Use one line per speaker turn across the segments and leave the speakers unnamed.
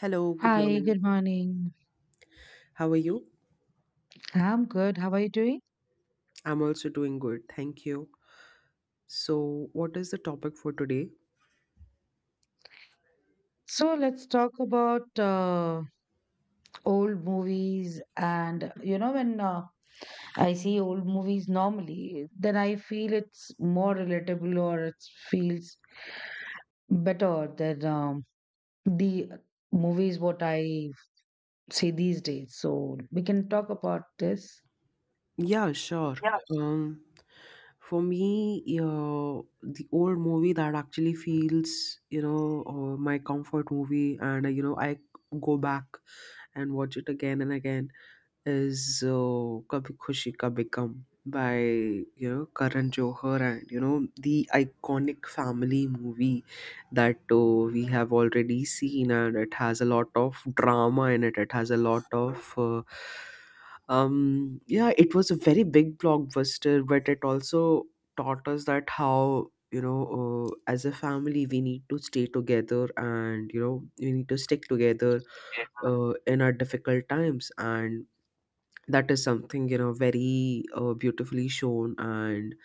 Hello, good
Hi,
morning.
good morning.
How are you?
I'm good. How are you doing?
I'm also doing good, thank you. So, what is the topic for today?
So let's talk about old movies. And you know, when I see old movies normally, then I feel it's more relatable or it feels better than the movies what I see these days. So we can talk about this.
Yeah, sure.
Yeah.
Um, for me, the old movie that actually feels, my comfort movie, and I go back and watch it again and again is Kabhi Khushi Kabhi Gum by Karan Johar, and the iconic family movie that we have already seen, and it has a lot of drama in it. It has a lot of yeah, it was a very big blockbuster, but it also taught us that how you know as a family, we need to stay together, and we need to stick together in our difficult times. And that is something, very, beautifully shown. And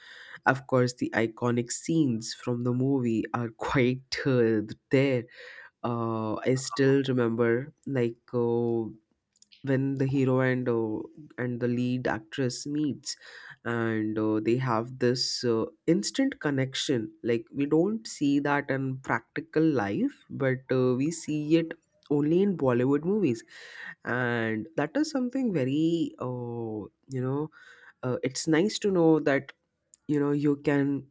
of course, the iconic scenes from the movie are quite there. I still remember, like, when the hero and the lead actress meets, and they have this instant connection, like we don't see that in practical life, but we see it only in Bollywood movies. And that is something very, you know it's nice to know that you can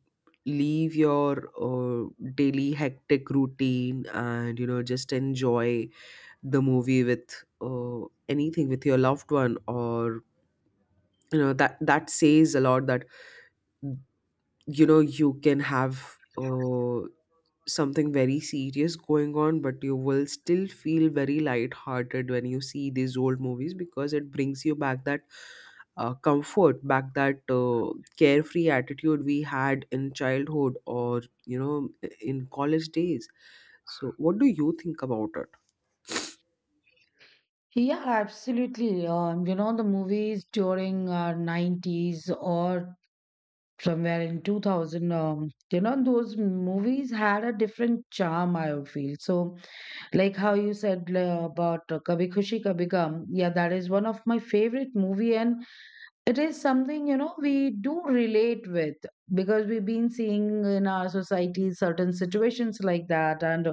leave your daily hectic routine, and just enjoy the movie with anything, with your loved one, or that says a lot, that you can have something very serious going on, but you will still feel very light-hearted when you see these old movies, because it brings you back that comfort back, that carefree attitude we had in childhood, or in college days. So what do you think about it?
Yeah, absolutely. You know, the movies during 90s or somewhere in 2000, you know, those movies had a different charm, I would feel. So like how you said about Kabhi Khushi Kabhi Gham, yeah, that is one of my favorite movie. And it is something, you know, we do relate with, because we've been seeing in our society certain situations like that. and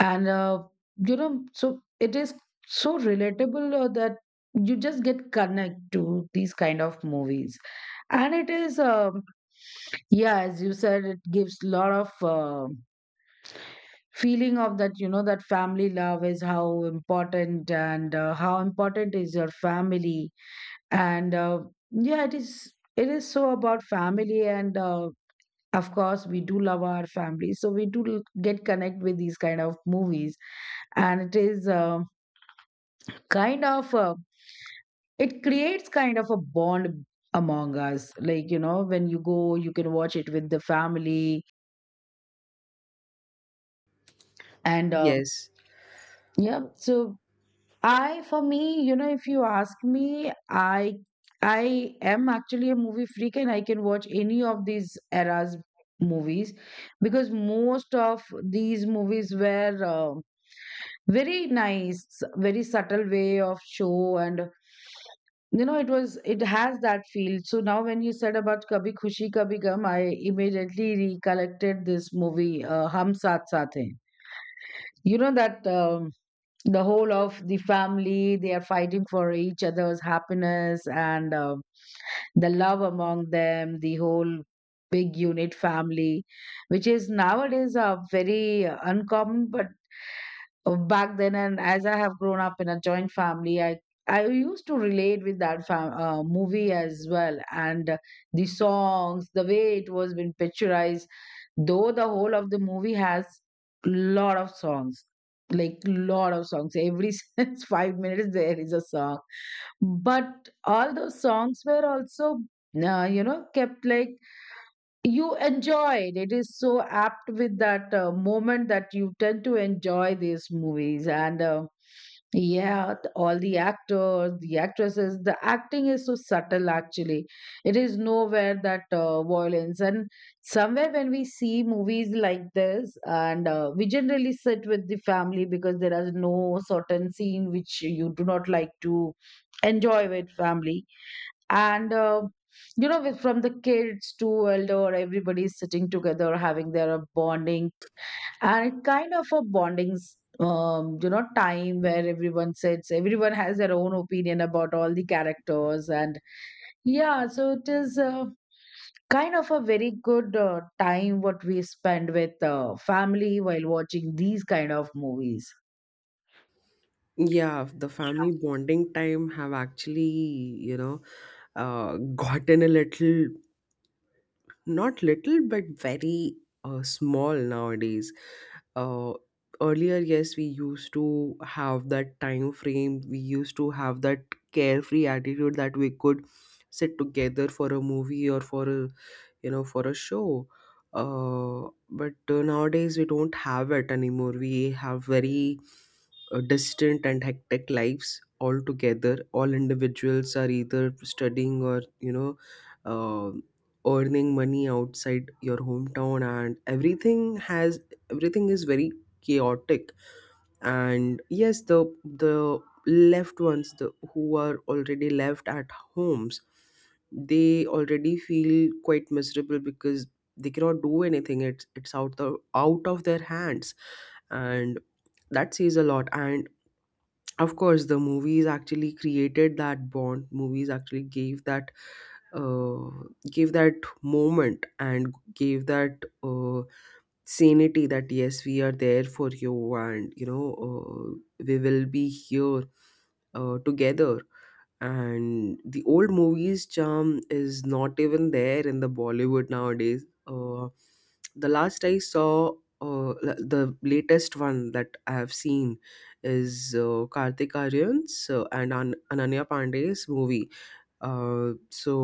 and uh, you know, so it is so relatable, that you just get connect to these kind of movies. And it is yeah, as you said, it gives lot of feeling of that, you know, that family love is how important and how important is your family. And Yeah, it is so about family and of course, we do love our family. So we do get connect with these kind of movies. And it is kind of it creates kind of a bond among us. Like, you know, when you go, you can watch it with the family. And um,
Yes.
yeah. So I, for me, you know, if you ask me, I am actually a movie freak, and I can watch any of these eras movies, because most of these movies were very nice, very subtle way of show. And you know, it has that feel. So now when you said about Kabhi Khushi Kabhi Gum, I immediately recollected this movie, Hum Saath Saath Hain. You know that, the whole of the family, they are fighting for each other's happiness, and the love among them, the whole big unit family, which is nowadays very uncommon. But back then, and as I have grown up in a joint family, I used to relate with that movie as well. And the songs, the way it was been picturized, though the whole of the movie has lot of songs, like lot of songs. Every since 5 minutes there is a song. But all those songs were also, you know, kept like you enjoyed. It is so apt with that moment, that you tend to enjoy these movies. And yeah, all the actors, the actresses, the acting is so subtle, actually. It is nowhere that violence. And somewhere when we see movies like this, and we generally sit with the family, because there is no certain scene which you do not like to enjoy with family. And you know, with, from the kids to elder, everybody's sitting together having their bonding. And it kind of a bonding you know, time where everyone sits, everyone has their own opinion about all the characters. And yeah, so it is kind of a very good time what we spend with family while watching these kind of movies.
Yeah, the family bonding time have actually, you know, gotten a little, not little, but very small nowadays. Uh, Earlier, yes, we used to have that time frame. We used to have that carefree attitude that we could sit together for a movie, or for a for a show. But nowadays we don't have it anymore. We have very distant and hectic lives altogether. All individuals are either studying, or uh, earning money outside your hometown. And everything is very chaotic. And yes, the left ones, the, who are already left at homes, they already feel quite miserable, because they cannot do anything. It's out of their hands. And that says a lot. And of course, the movies actually created that bond. Movies actually gave that, uh, gave that moment, and gave that sanity, that yes, we are there for you, and we will be here together. And the old movies charm is not even there in the Bollywood nowadays. The last I saw, the latest one that I have seen, is Kartik Aryan's and Ananya Pandey's movie. So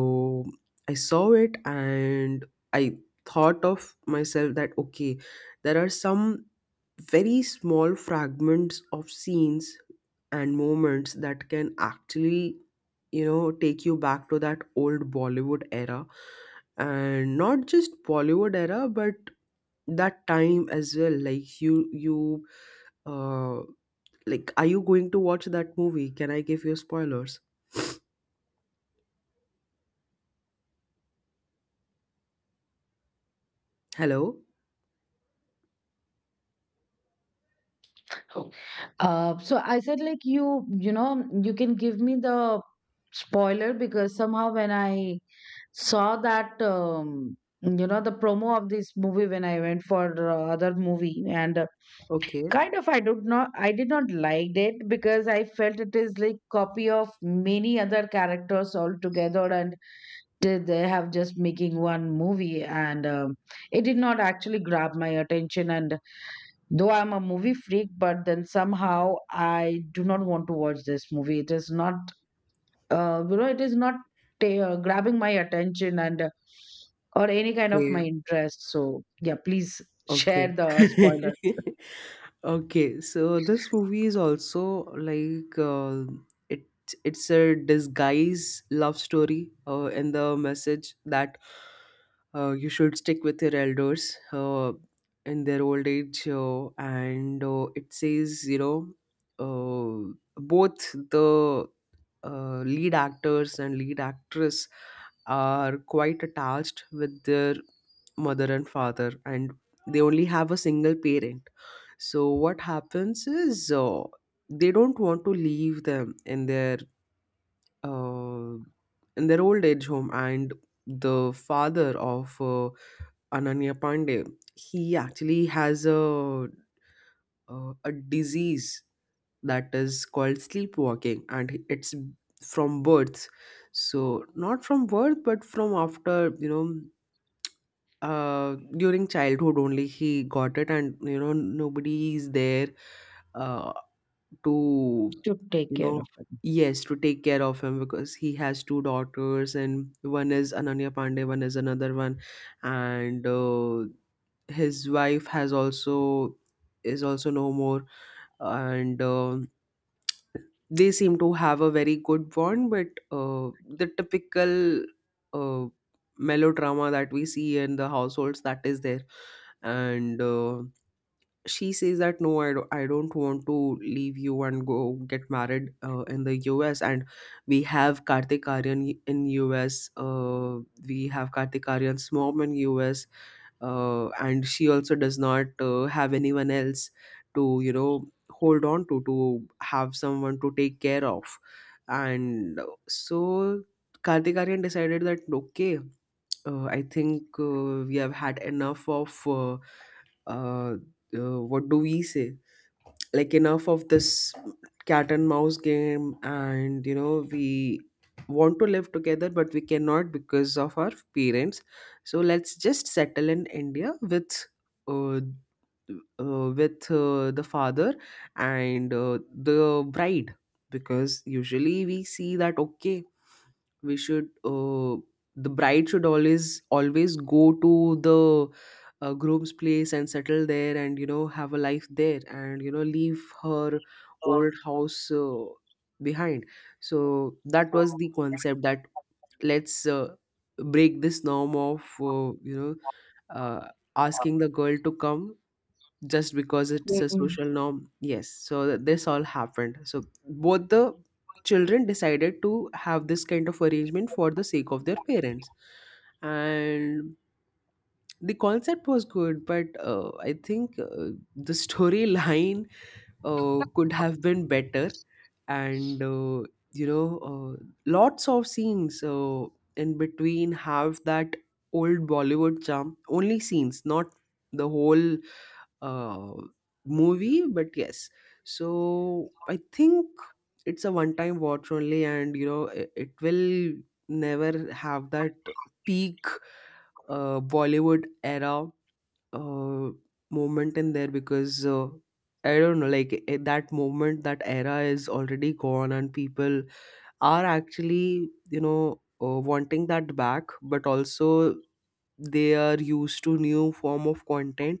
I saw it, and I thought of myself that, okay, there are some very small fragments of scenes and moments that can actually, take you back to that old Bollywood era. And not just Bollywood era, but that time as well. Like you uh like, are you going to watch that movie? Can I give you spoilers? Hello?
Oh. So I said, like you know, you can give me the spoiler, because somehow when I saw that, you know, the promo of this movie, when I went for other movie, and
Okay.
kind of I did not liked it, because I felt it is like copy of many other characters all together. And they have just making one movie. And it did not actually grab my attention. And though I'm a movie freak, but then somehow I do not want to watch this movie. It is not you know, it is not grabbing my attention, and or any kind of
Okay.
my interest. So yeah, please
Okay.
share the spoilers
Okay, so this movie is also like, uh, it it's a disguise love story, in the message that you should stick with your elders in their old age, and it says, uh, both the lead actors and lead actress are quite attached with their mother and father, and they only have a single parent. So what happens is, they don't want to leave them in their, uh, in their old age home. And the father of Ananya Pandey, he actually has a, a disease that is called sleepwalking, and it's from birth. So not from birth, but from after, during childhood only he got it. And nobody is there uh, to,
to take
you
care of
know
it.
yes, to take care of him, because he has two daughters, and one is Ananya Pandey, one is another one. And his wife has also is also no more. And they seem to have a very good bond, but the typical uh, melodrama that we see in the households, that is there. And she says that, no, I don't want to leave you and go get married, in the US. And we have Kartik Aryan in US, we have Kartik Aryan's mom in US, and she also does not have anyone else to, hold on to, have someone to take care of. And so Kartik Aryan decided that, okay, I think we have had enough of, uh, what do we say, like, enough of this cat and mouse game. And we want to live together, but we cannot, because of our parents. So let's just settle in India with, uh, with the father, and the bride. Because usually we see that, okay, we should, the bride should always go to the groom's place and settle there, and have a life there, and leave her old house behind. So that was the concept, that let's break this norm of uh, you know uh, asking the girl to come just because it's a
Mhm.
social norm. Yes, so this all happened. So both the children decided to have this kind of arrangement for the sake of their parents. And the concept was good, but I think the storyline could have been better. And you know lots of scenes in between have that old Bollywood charm. Only scenes, not the whole uh, movie, but yes. So I think it's a one-time watch only, and it, it will never have that peak Bollywood era uh, moment in there, because I don't know, like, eh, that moment, that era is already gone, and people are actually wanting that back, but also they are used to new form of content.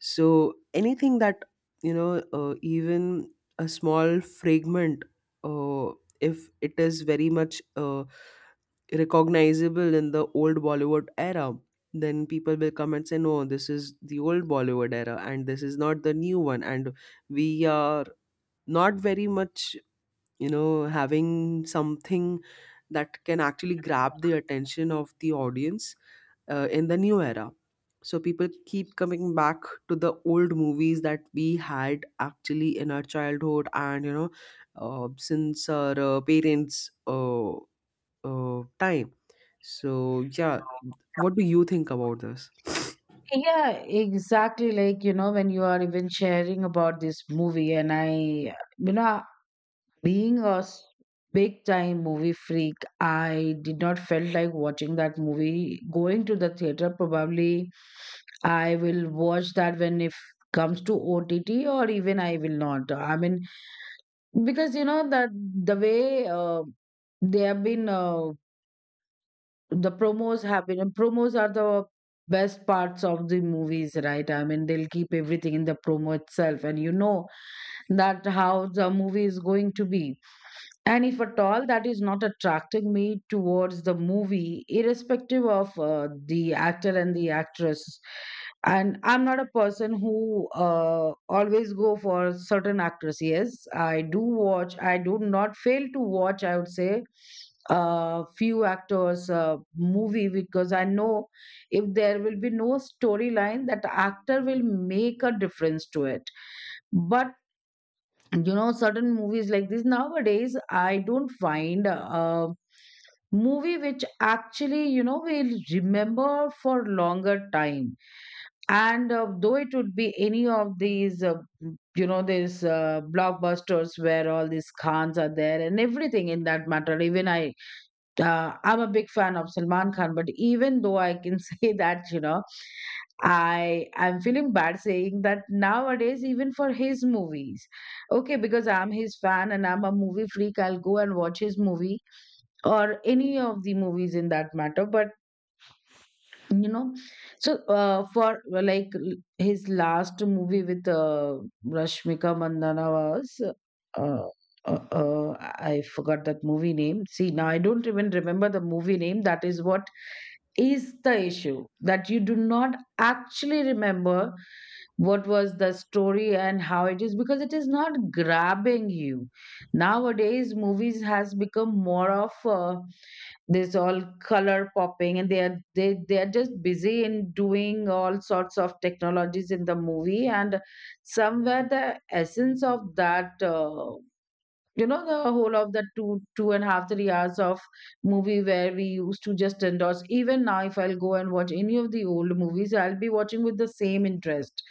So anything that even a small fragment, uh, if it is very much recognizable in the old Bollywood era, then people will come and say, no, this is the old Bollywood era, and this is not the new one, and we are not very much having something that can actually grab the attention of the audience in the new era. So people keep coming back to the old movies that we had actually in our childhood, and since our parents' time. So yeah, what do you think about this?
Yeah, exactly. Like, you know, when you are even sharing about this movie, and I, you know, being a big time movie freak, I did not felt like watching that movie. Going to the theater, probably I will watch that when if comes to OTT, or even I will not. I mean, because you know that, the way they have been the promos have been, and promos are the best parts of the movies, right? I mean, they'll keep everything in the promo itself, and you know that how the movie is going to be. And if at all that is not attracting me towards the movie, irrespective of the actor and the actress, and I'm not a person who always go for certain actors. Yes, I do watch. I do not fail to watch. I would say few actors movie, because I know if there will be no storyline, that actor will make a difference to it. But you know, certain movies like this nowadays, I don't find a movie which actually, you know, will remember for longer time. And though it would be any of these you know, these blockbusters where all these Khans are there and everything in that matter. Even I'm a big fan of Salman Khan, but even though I can say that, you know, I'm feeling bad saying that nowadays, even for his movies. Okay, because I'm his fan and I'm a movie freak, I'll go and watch his movie, or any of the movies in that matter. But you know, so for like his last movie with Rashmika Mandana was uh, uh, uh, I forgot that movie name. See, now I don't even remember the movie name. That is what is the issue, that you do not actually remember what was the story and how it is, because it is not grabbing you. Nowadays movies has become more of there's all color popping, and they are just busy in doing all sorts of technologies in the movie. And somewhere the essence of that. You know, the whole of the two and a half 3 hours of movie, where we used to just endorse. Even now, if I'll go and watch any of the old movies, I'll be watching with the same interest,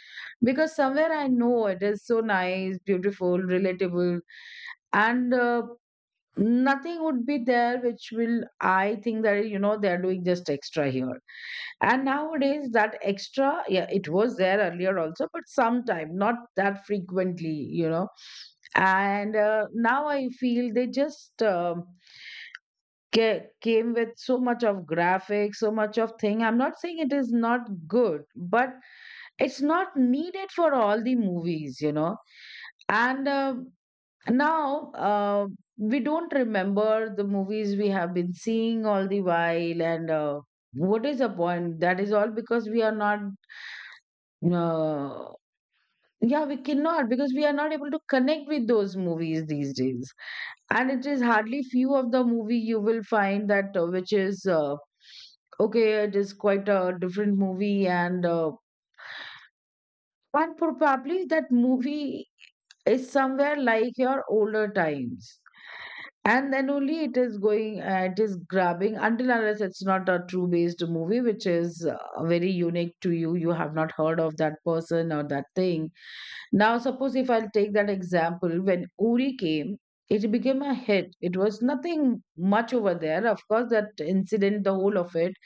because somewhere I know it is so nice, beautiful, relatable. And nothing would be there which will, I think that, you know, they're doing just extra here. And nowadays that extra, yeah, it was there earlier also, but sometime not that frequently, you know. And now I feel they just came with so much of graphics, so much of thing. I'm not saying it is not good, but it's not needed for all the movies, you know. And now, we don't remember the movies we have been seeing all the while. And what is the point? That is all because we are not, uh, yeah, we cannot, because we are not able to connect with those movies these days. And it is hardly few of the movie you will find that which is okay, it is quite a different movie. And and probably that movie is somewhere like your older times. And then only it is going, it is grabbing, until unless it's not a true based movie, which is very unique to you. You have not heard of that person or that thing. Now, suppose if I'll take that example, when Uri came, it became a hit. It was nothing much over there. Of course, that incident, the whole of it,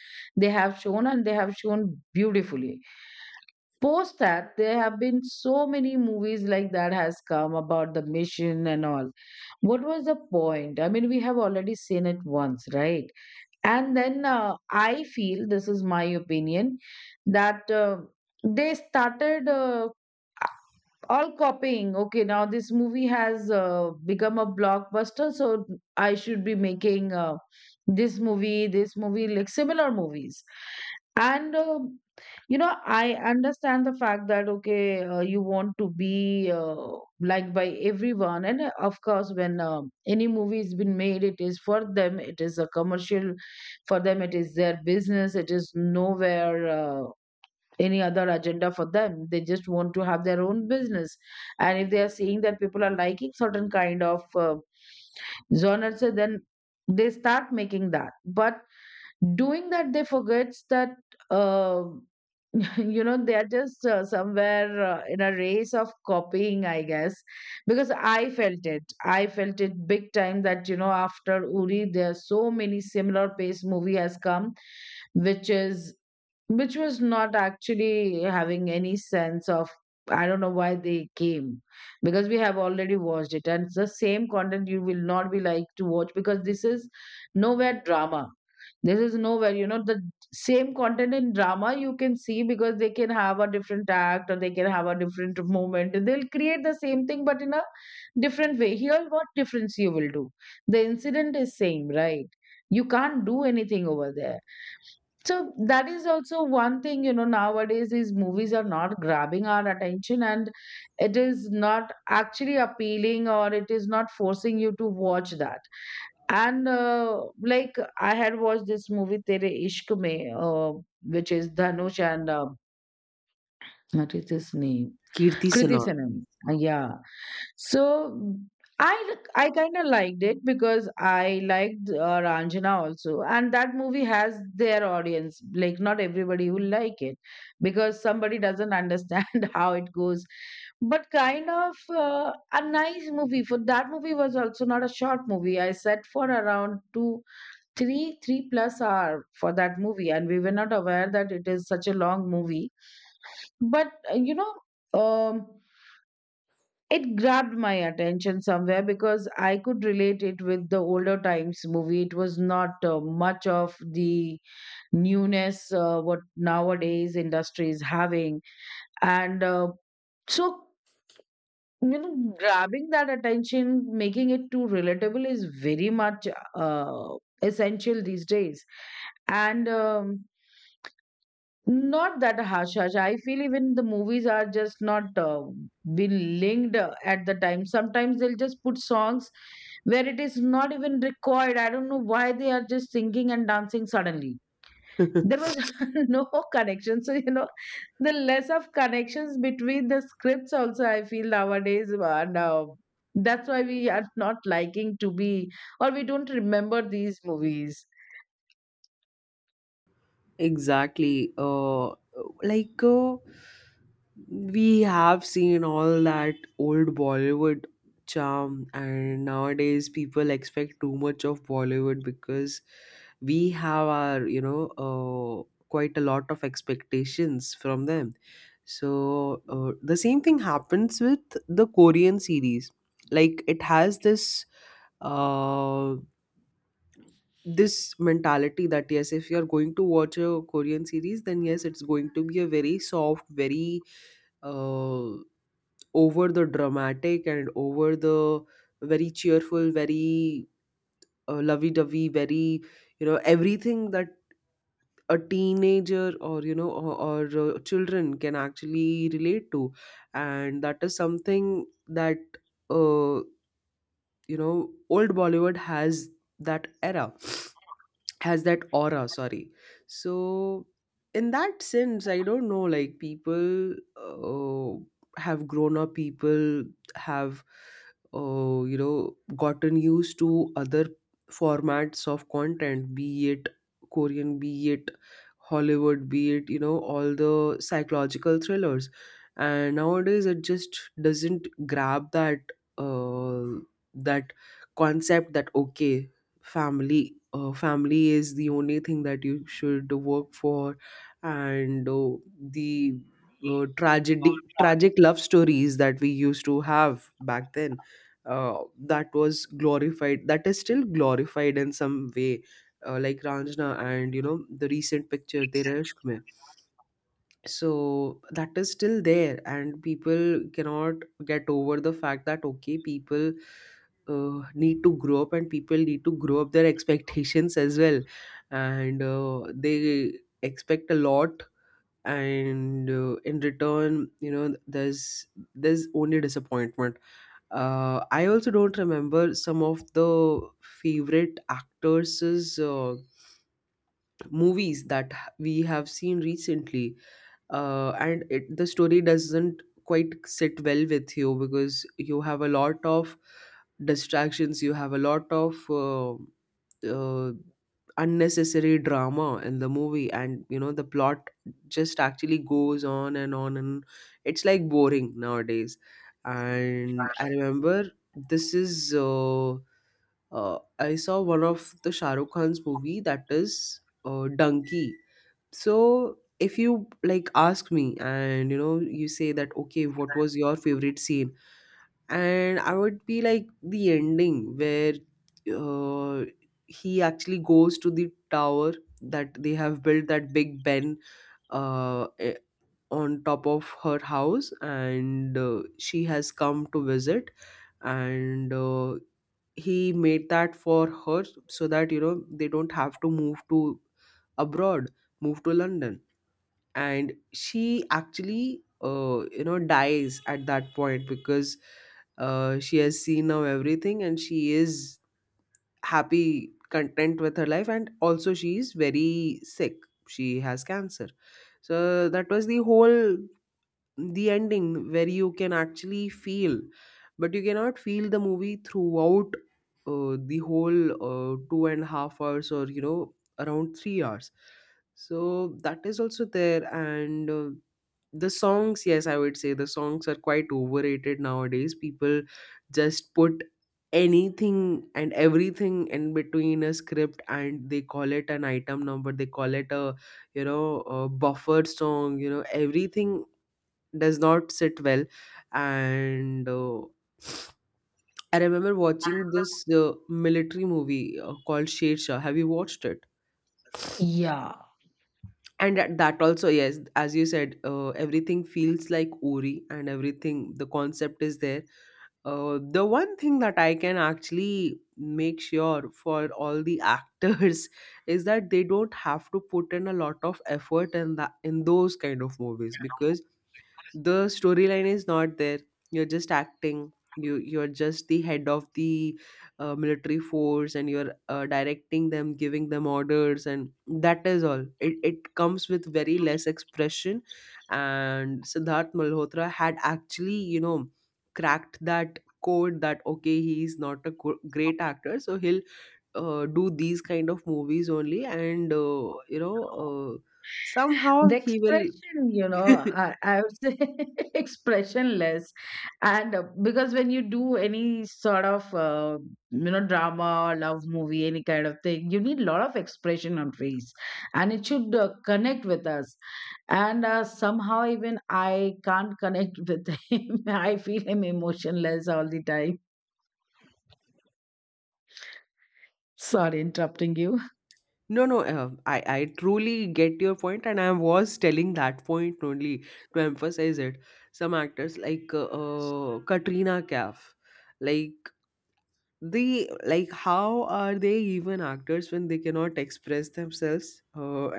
they have shown, and they have shown beautifully. Post that, there have been so many movies like that has come about the mission and all. What was the point? I mean, we have already seen it once, right? And then I feel, this is my opinion, that they started all copying. Okay, now this movie has become a blockbuster, so I should be making this movie, like similar movies. And you know, I understand the fact that okay, you want to be liked by everyone. And of course, when any movie has been made, it is for them. It is a commercial for them. It is their business. It is nowhere. Any other agenda for them, they just want to have their own business. And if they are seeing that people are liking certain kind of genres, so then they start making that, but doing that they forgets that um you know they are just somewhere in a race of copying, I guess. Because I felt it big time that, you know, after Uri there are so many similar pace movie has come, which is which was not actually having any sense of. I don't know why they came, because we have already watched it and it's the same content. You will not be like to watch, because nowhere drama this is nowhere, you know, the same content in drama you can see, because they can have a different act or they can have a different moment. They'll create the same thing but in a different way. Here, what difference you will do? The incident is same, right? You can't do anything over there. So that is also one thing, you know, nowadays is movies are not grabbing our attention, and it is not actually appealing, or it is not forcing you to watch that. And like, I had watched this movie Tere Ishq Mein, which is Dhanush, and what is his name?
Kirti
Kriti
Sanon?
Sanon. Yeah. So I kind of liked it because I liked Ranjana also, and that movie has their audience. Like, not everybody will like it, because somebody doesn't understand how it goes. But kind of a nice movie. For that, movie was also not a short movie. I sat for around 2, 3, 3 plus hour for that movie, and we were not aware that it is such a long movie. But you know, um it grabbed my attention somewhere, because I could relate it with the older times movie. It was not much of the newness what nowadays industry is having. And so You know, grabbing that attention, making it too relatable is very much uh, essential these days. And not that harsh, harsh. I feel even the movies are just not been linked at the time. Sometimes they'll just put songs where it is not even required. I don't know why they are just singing and dancing suddenly. There was no connection. So, you know, the less of connections between the scripts also, I feel nowadays. Now that's why we are not liking to be, or we don't remember these movies.
Exactly. Like. We have seen all that old Bollywood charm, and nowadays people expect too much of Bollywood, because we have our, quite a lot of expectations from them. So the same thing happens with the Korean series. Like it has this uh, this mentality that, yes, if you're going to watch a Korean series, then yes, it's going to be a very soft, very uh, over the dramatic, and over the very cheerful, very, lovey dovey, very, everything that a teenager, or, or children can actually relate to. And that is something that, uh, old Bollywood has that era has that aura. Sorry. So in that sense, I don't know, like people have grown up. People have uh, you know gotten used to other formats of content, be it Korean, be it Hollywood, be it, you know, all the psychological thrillers, and nowadays it just doesn't grab that concept that, okay, family is the only thing that you should work for. And uh, the uh, tragedy tragic love stories that we used to have back then, that was glorified, that is still glorified in some way, like Ranjana and, you know, the recent picture Tera Ishq. So that is still there, and people cannot get over the fact that, okay, people need to grow up, and people need to grow up their expectations as well. And they expect a lot, and in return, you know, there's only disappointment. I also don't remember some of the favorite actors' movies that we have seen recently. And the story doesn't quite sit well with you because you have a lot of distractions, you have a lot of uh, unnecessary drama in the movie, and you know the plot just actually goes on and on, and it's like boring nowadays. And I remember, this is I saw one of the Shahrukh Khan's movie, that is Donkey. So if you like ask me and, you know, you say that, okay, what was your favorite scene? And I would be like the ending where uh, he actually goes to the tower that they have built, that Big Ben, uh, eh, on top of her house, and she has come to visit, and he made that for her so that, you know, they don't have to move to abroad, move to London. And she actually you know dies at that point because she has seen now everything, and she is happy, content with her life, and also she is very sick. She has cancer. So that was the whole the ending where you can actually feel, but you cannot feel the movie throughout the whole 2.5 hours, or you know, around 3 hours. So that is also there. And the songs, yes, I would say the songs are quite overrated nowadays. People just put anything and everything in between a script, and they call it an item number, they call it a, you know, a buffered song, you know, everything does not sit well. And I remember watching this military movie called Shedshah. Have you watched it?
Yeah.
And that also, yes, as you said, everything feels like Ori, and everything, the concept is there. The one thing that I can actually make sure for all the actors is that they don't have to put in a lot of effort in that, in those kind of movies because the storyline is not there. You're just acting, you're just the head of the military force, and you're directing them, giving them orders, and that is all. It comes with very less expression. And Siddharth Malhotra had actually, you know, cracked that code that, okay, he's not a great actor, so he'll do these kind of movies only, and somehow
The
he will.
expression, you know, I would say expressionless. And because when you do any sort of you know, drama or love movie, any kind of thing, you need a lot of expression on face, and it should connect with us. And somehow even I can't connect with him. I feel him emotionless all the time. Sorry interrupting you.
No, no, I truly get your point, and I was telling that point only to emphasize it. Some actors like Katrina Kaif, like, they like, how are they even actors when they cannot express themselves?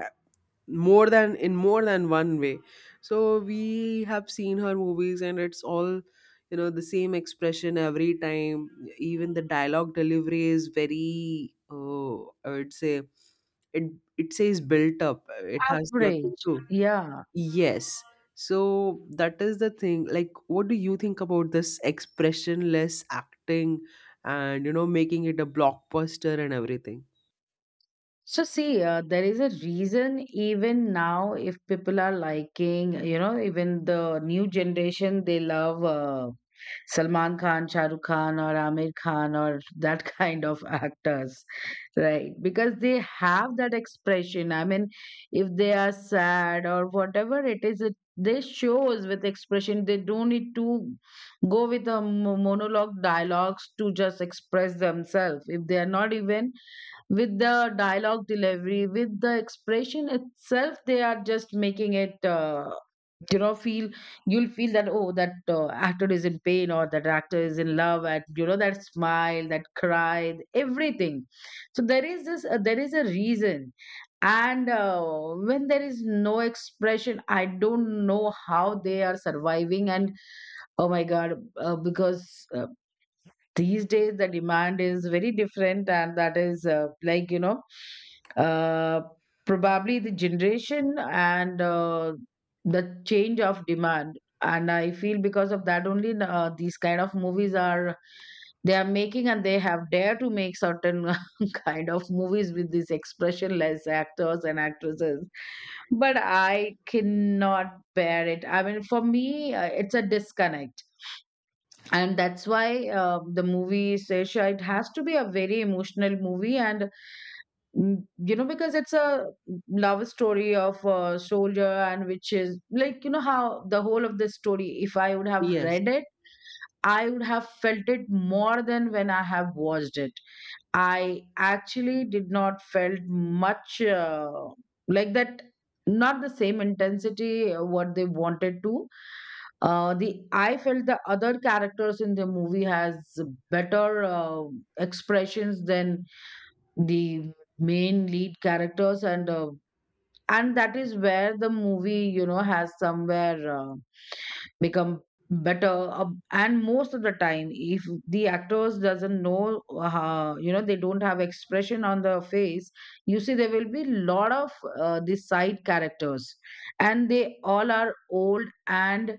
More than, in more than one way. So we have seen her movies, and it's all, you know, the same expression every time. Even the dialogue delivery is very, oh, I would say it, it says built up, it has nothing
Average,
to.
yeah.
Yes. So that is the thing, like, what do you think about this expressionless acting and, you know, making it a blockbuster and everything?
So see, there is a reason. Even now, if people are liking, you know, even the new generation, they love Salman Khan, Shah Rukh Khan, or Amir Khan, or that kind of actors, right? Because they have that expression. I mean, if they are sad or whatever it is, it they shows with expression. They don't need to go with a monologue dialogues to just express themselves. If they are not even with the dialogue delivery, with the expression itself, they are just making it you know, feel. You'll feel that, oh, that actor is in pain or that actor is in love, and you know that smile, that cry, everything. So there is this there is a reason. And when there is no expression, I don't know how they are surviving, and oh my god. Uh, because uh, these days the demand is very different, and that is like, you know, uh, probably the generation and the change of demand. And I feel, because of that only, these kind of movies are, they are making, and they have dared to make certain kind of movies with these expressionless actors and actresses. But I cannot bear it. I mean, for me, it's a disconnect. And that's why, the movie Sesha, it has to be a very emotional movie. And mm, you know, because it's a love story of a soldier, and which is like, you know, how the whole of the story, if I would have
Yes,
read it, I would have felt it more than when I have watched it. I actually did not felt much, like that, not the same intensity what they wanted to. The I felt the other characters in the movie has better expressions than the main lead characters. And that is where the movie, you know, has somewhere become better. And most of the time, if the actors doesn't know, you know, they don't have expression on the face, you see, there will be lot of the side characters, and they all are old and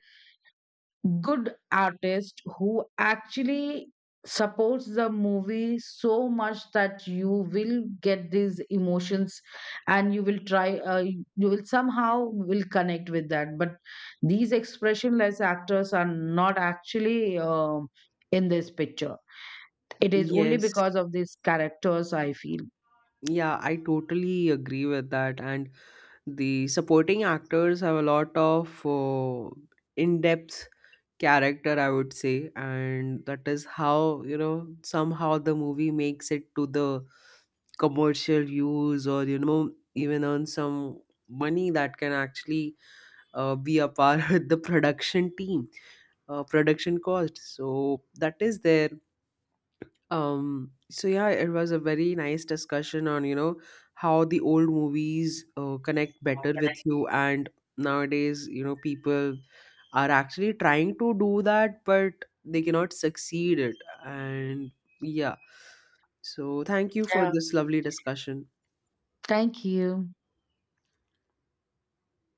good artist who actually supports the movie so much that you will get these emotions. And you will try, you will somehow will connect with that. But these expressionless actors are not actually in this picture. It is only
yes.
because of these characters, I feel.
Yeah, I totally agree with that. And the supporting actors have a lot of in-depth character, I would say, and that is how, you know, somehow the movie makes it to the commercial use or, you know, even earn some money that can actually be a part with the production team, production cost. So that is there. So yeah, it was a very nice discussion on, you know, how the old movies connect better with you, and nowadays, you know, people are actually trying to do that, but they cannot succeed it. And yeah. So thank you for
Yeah.
this lovely discussion.
Thank you.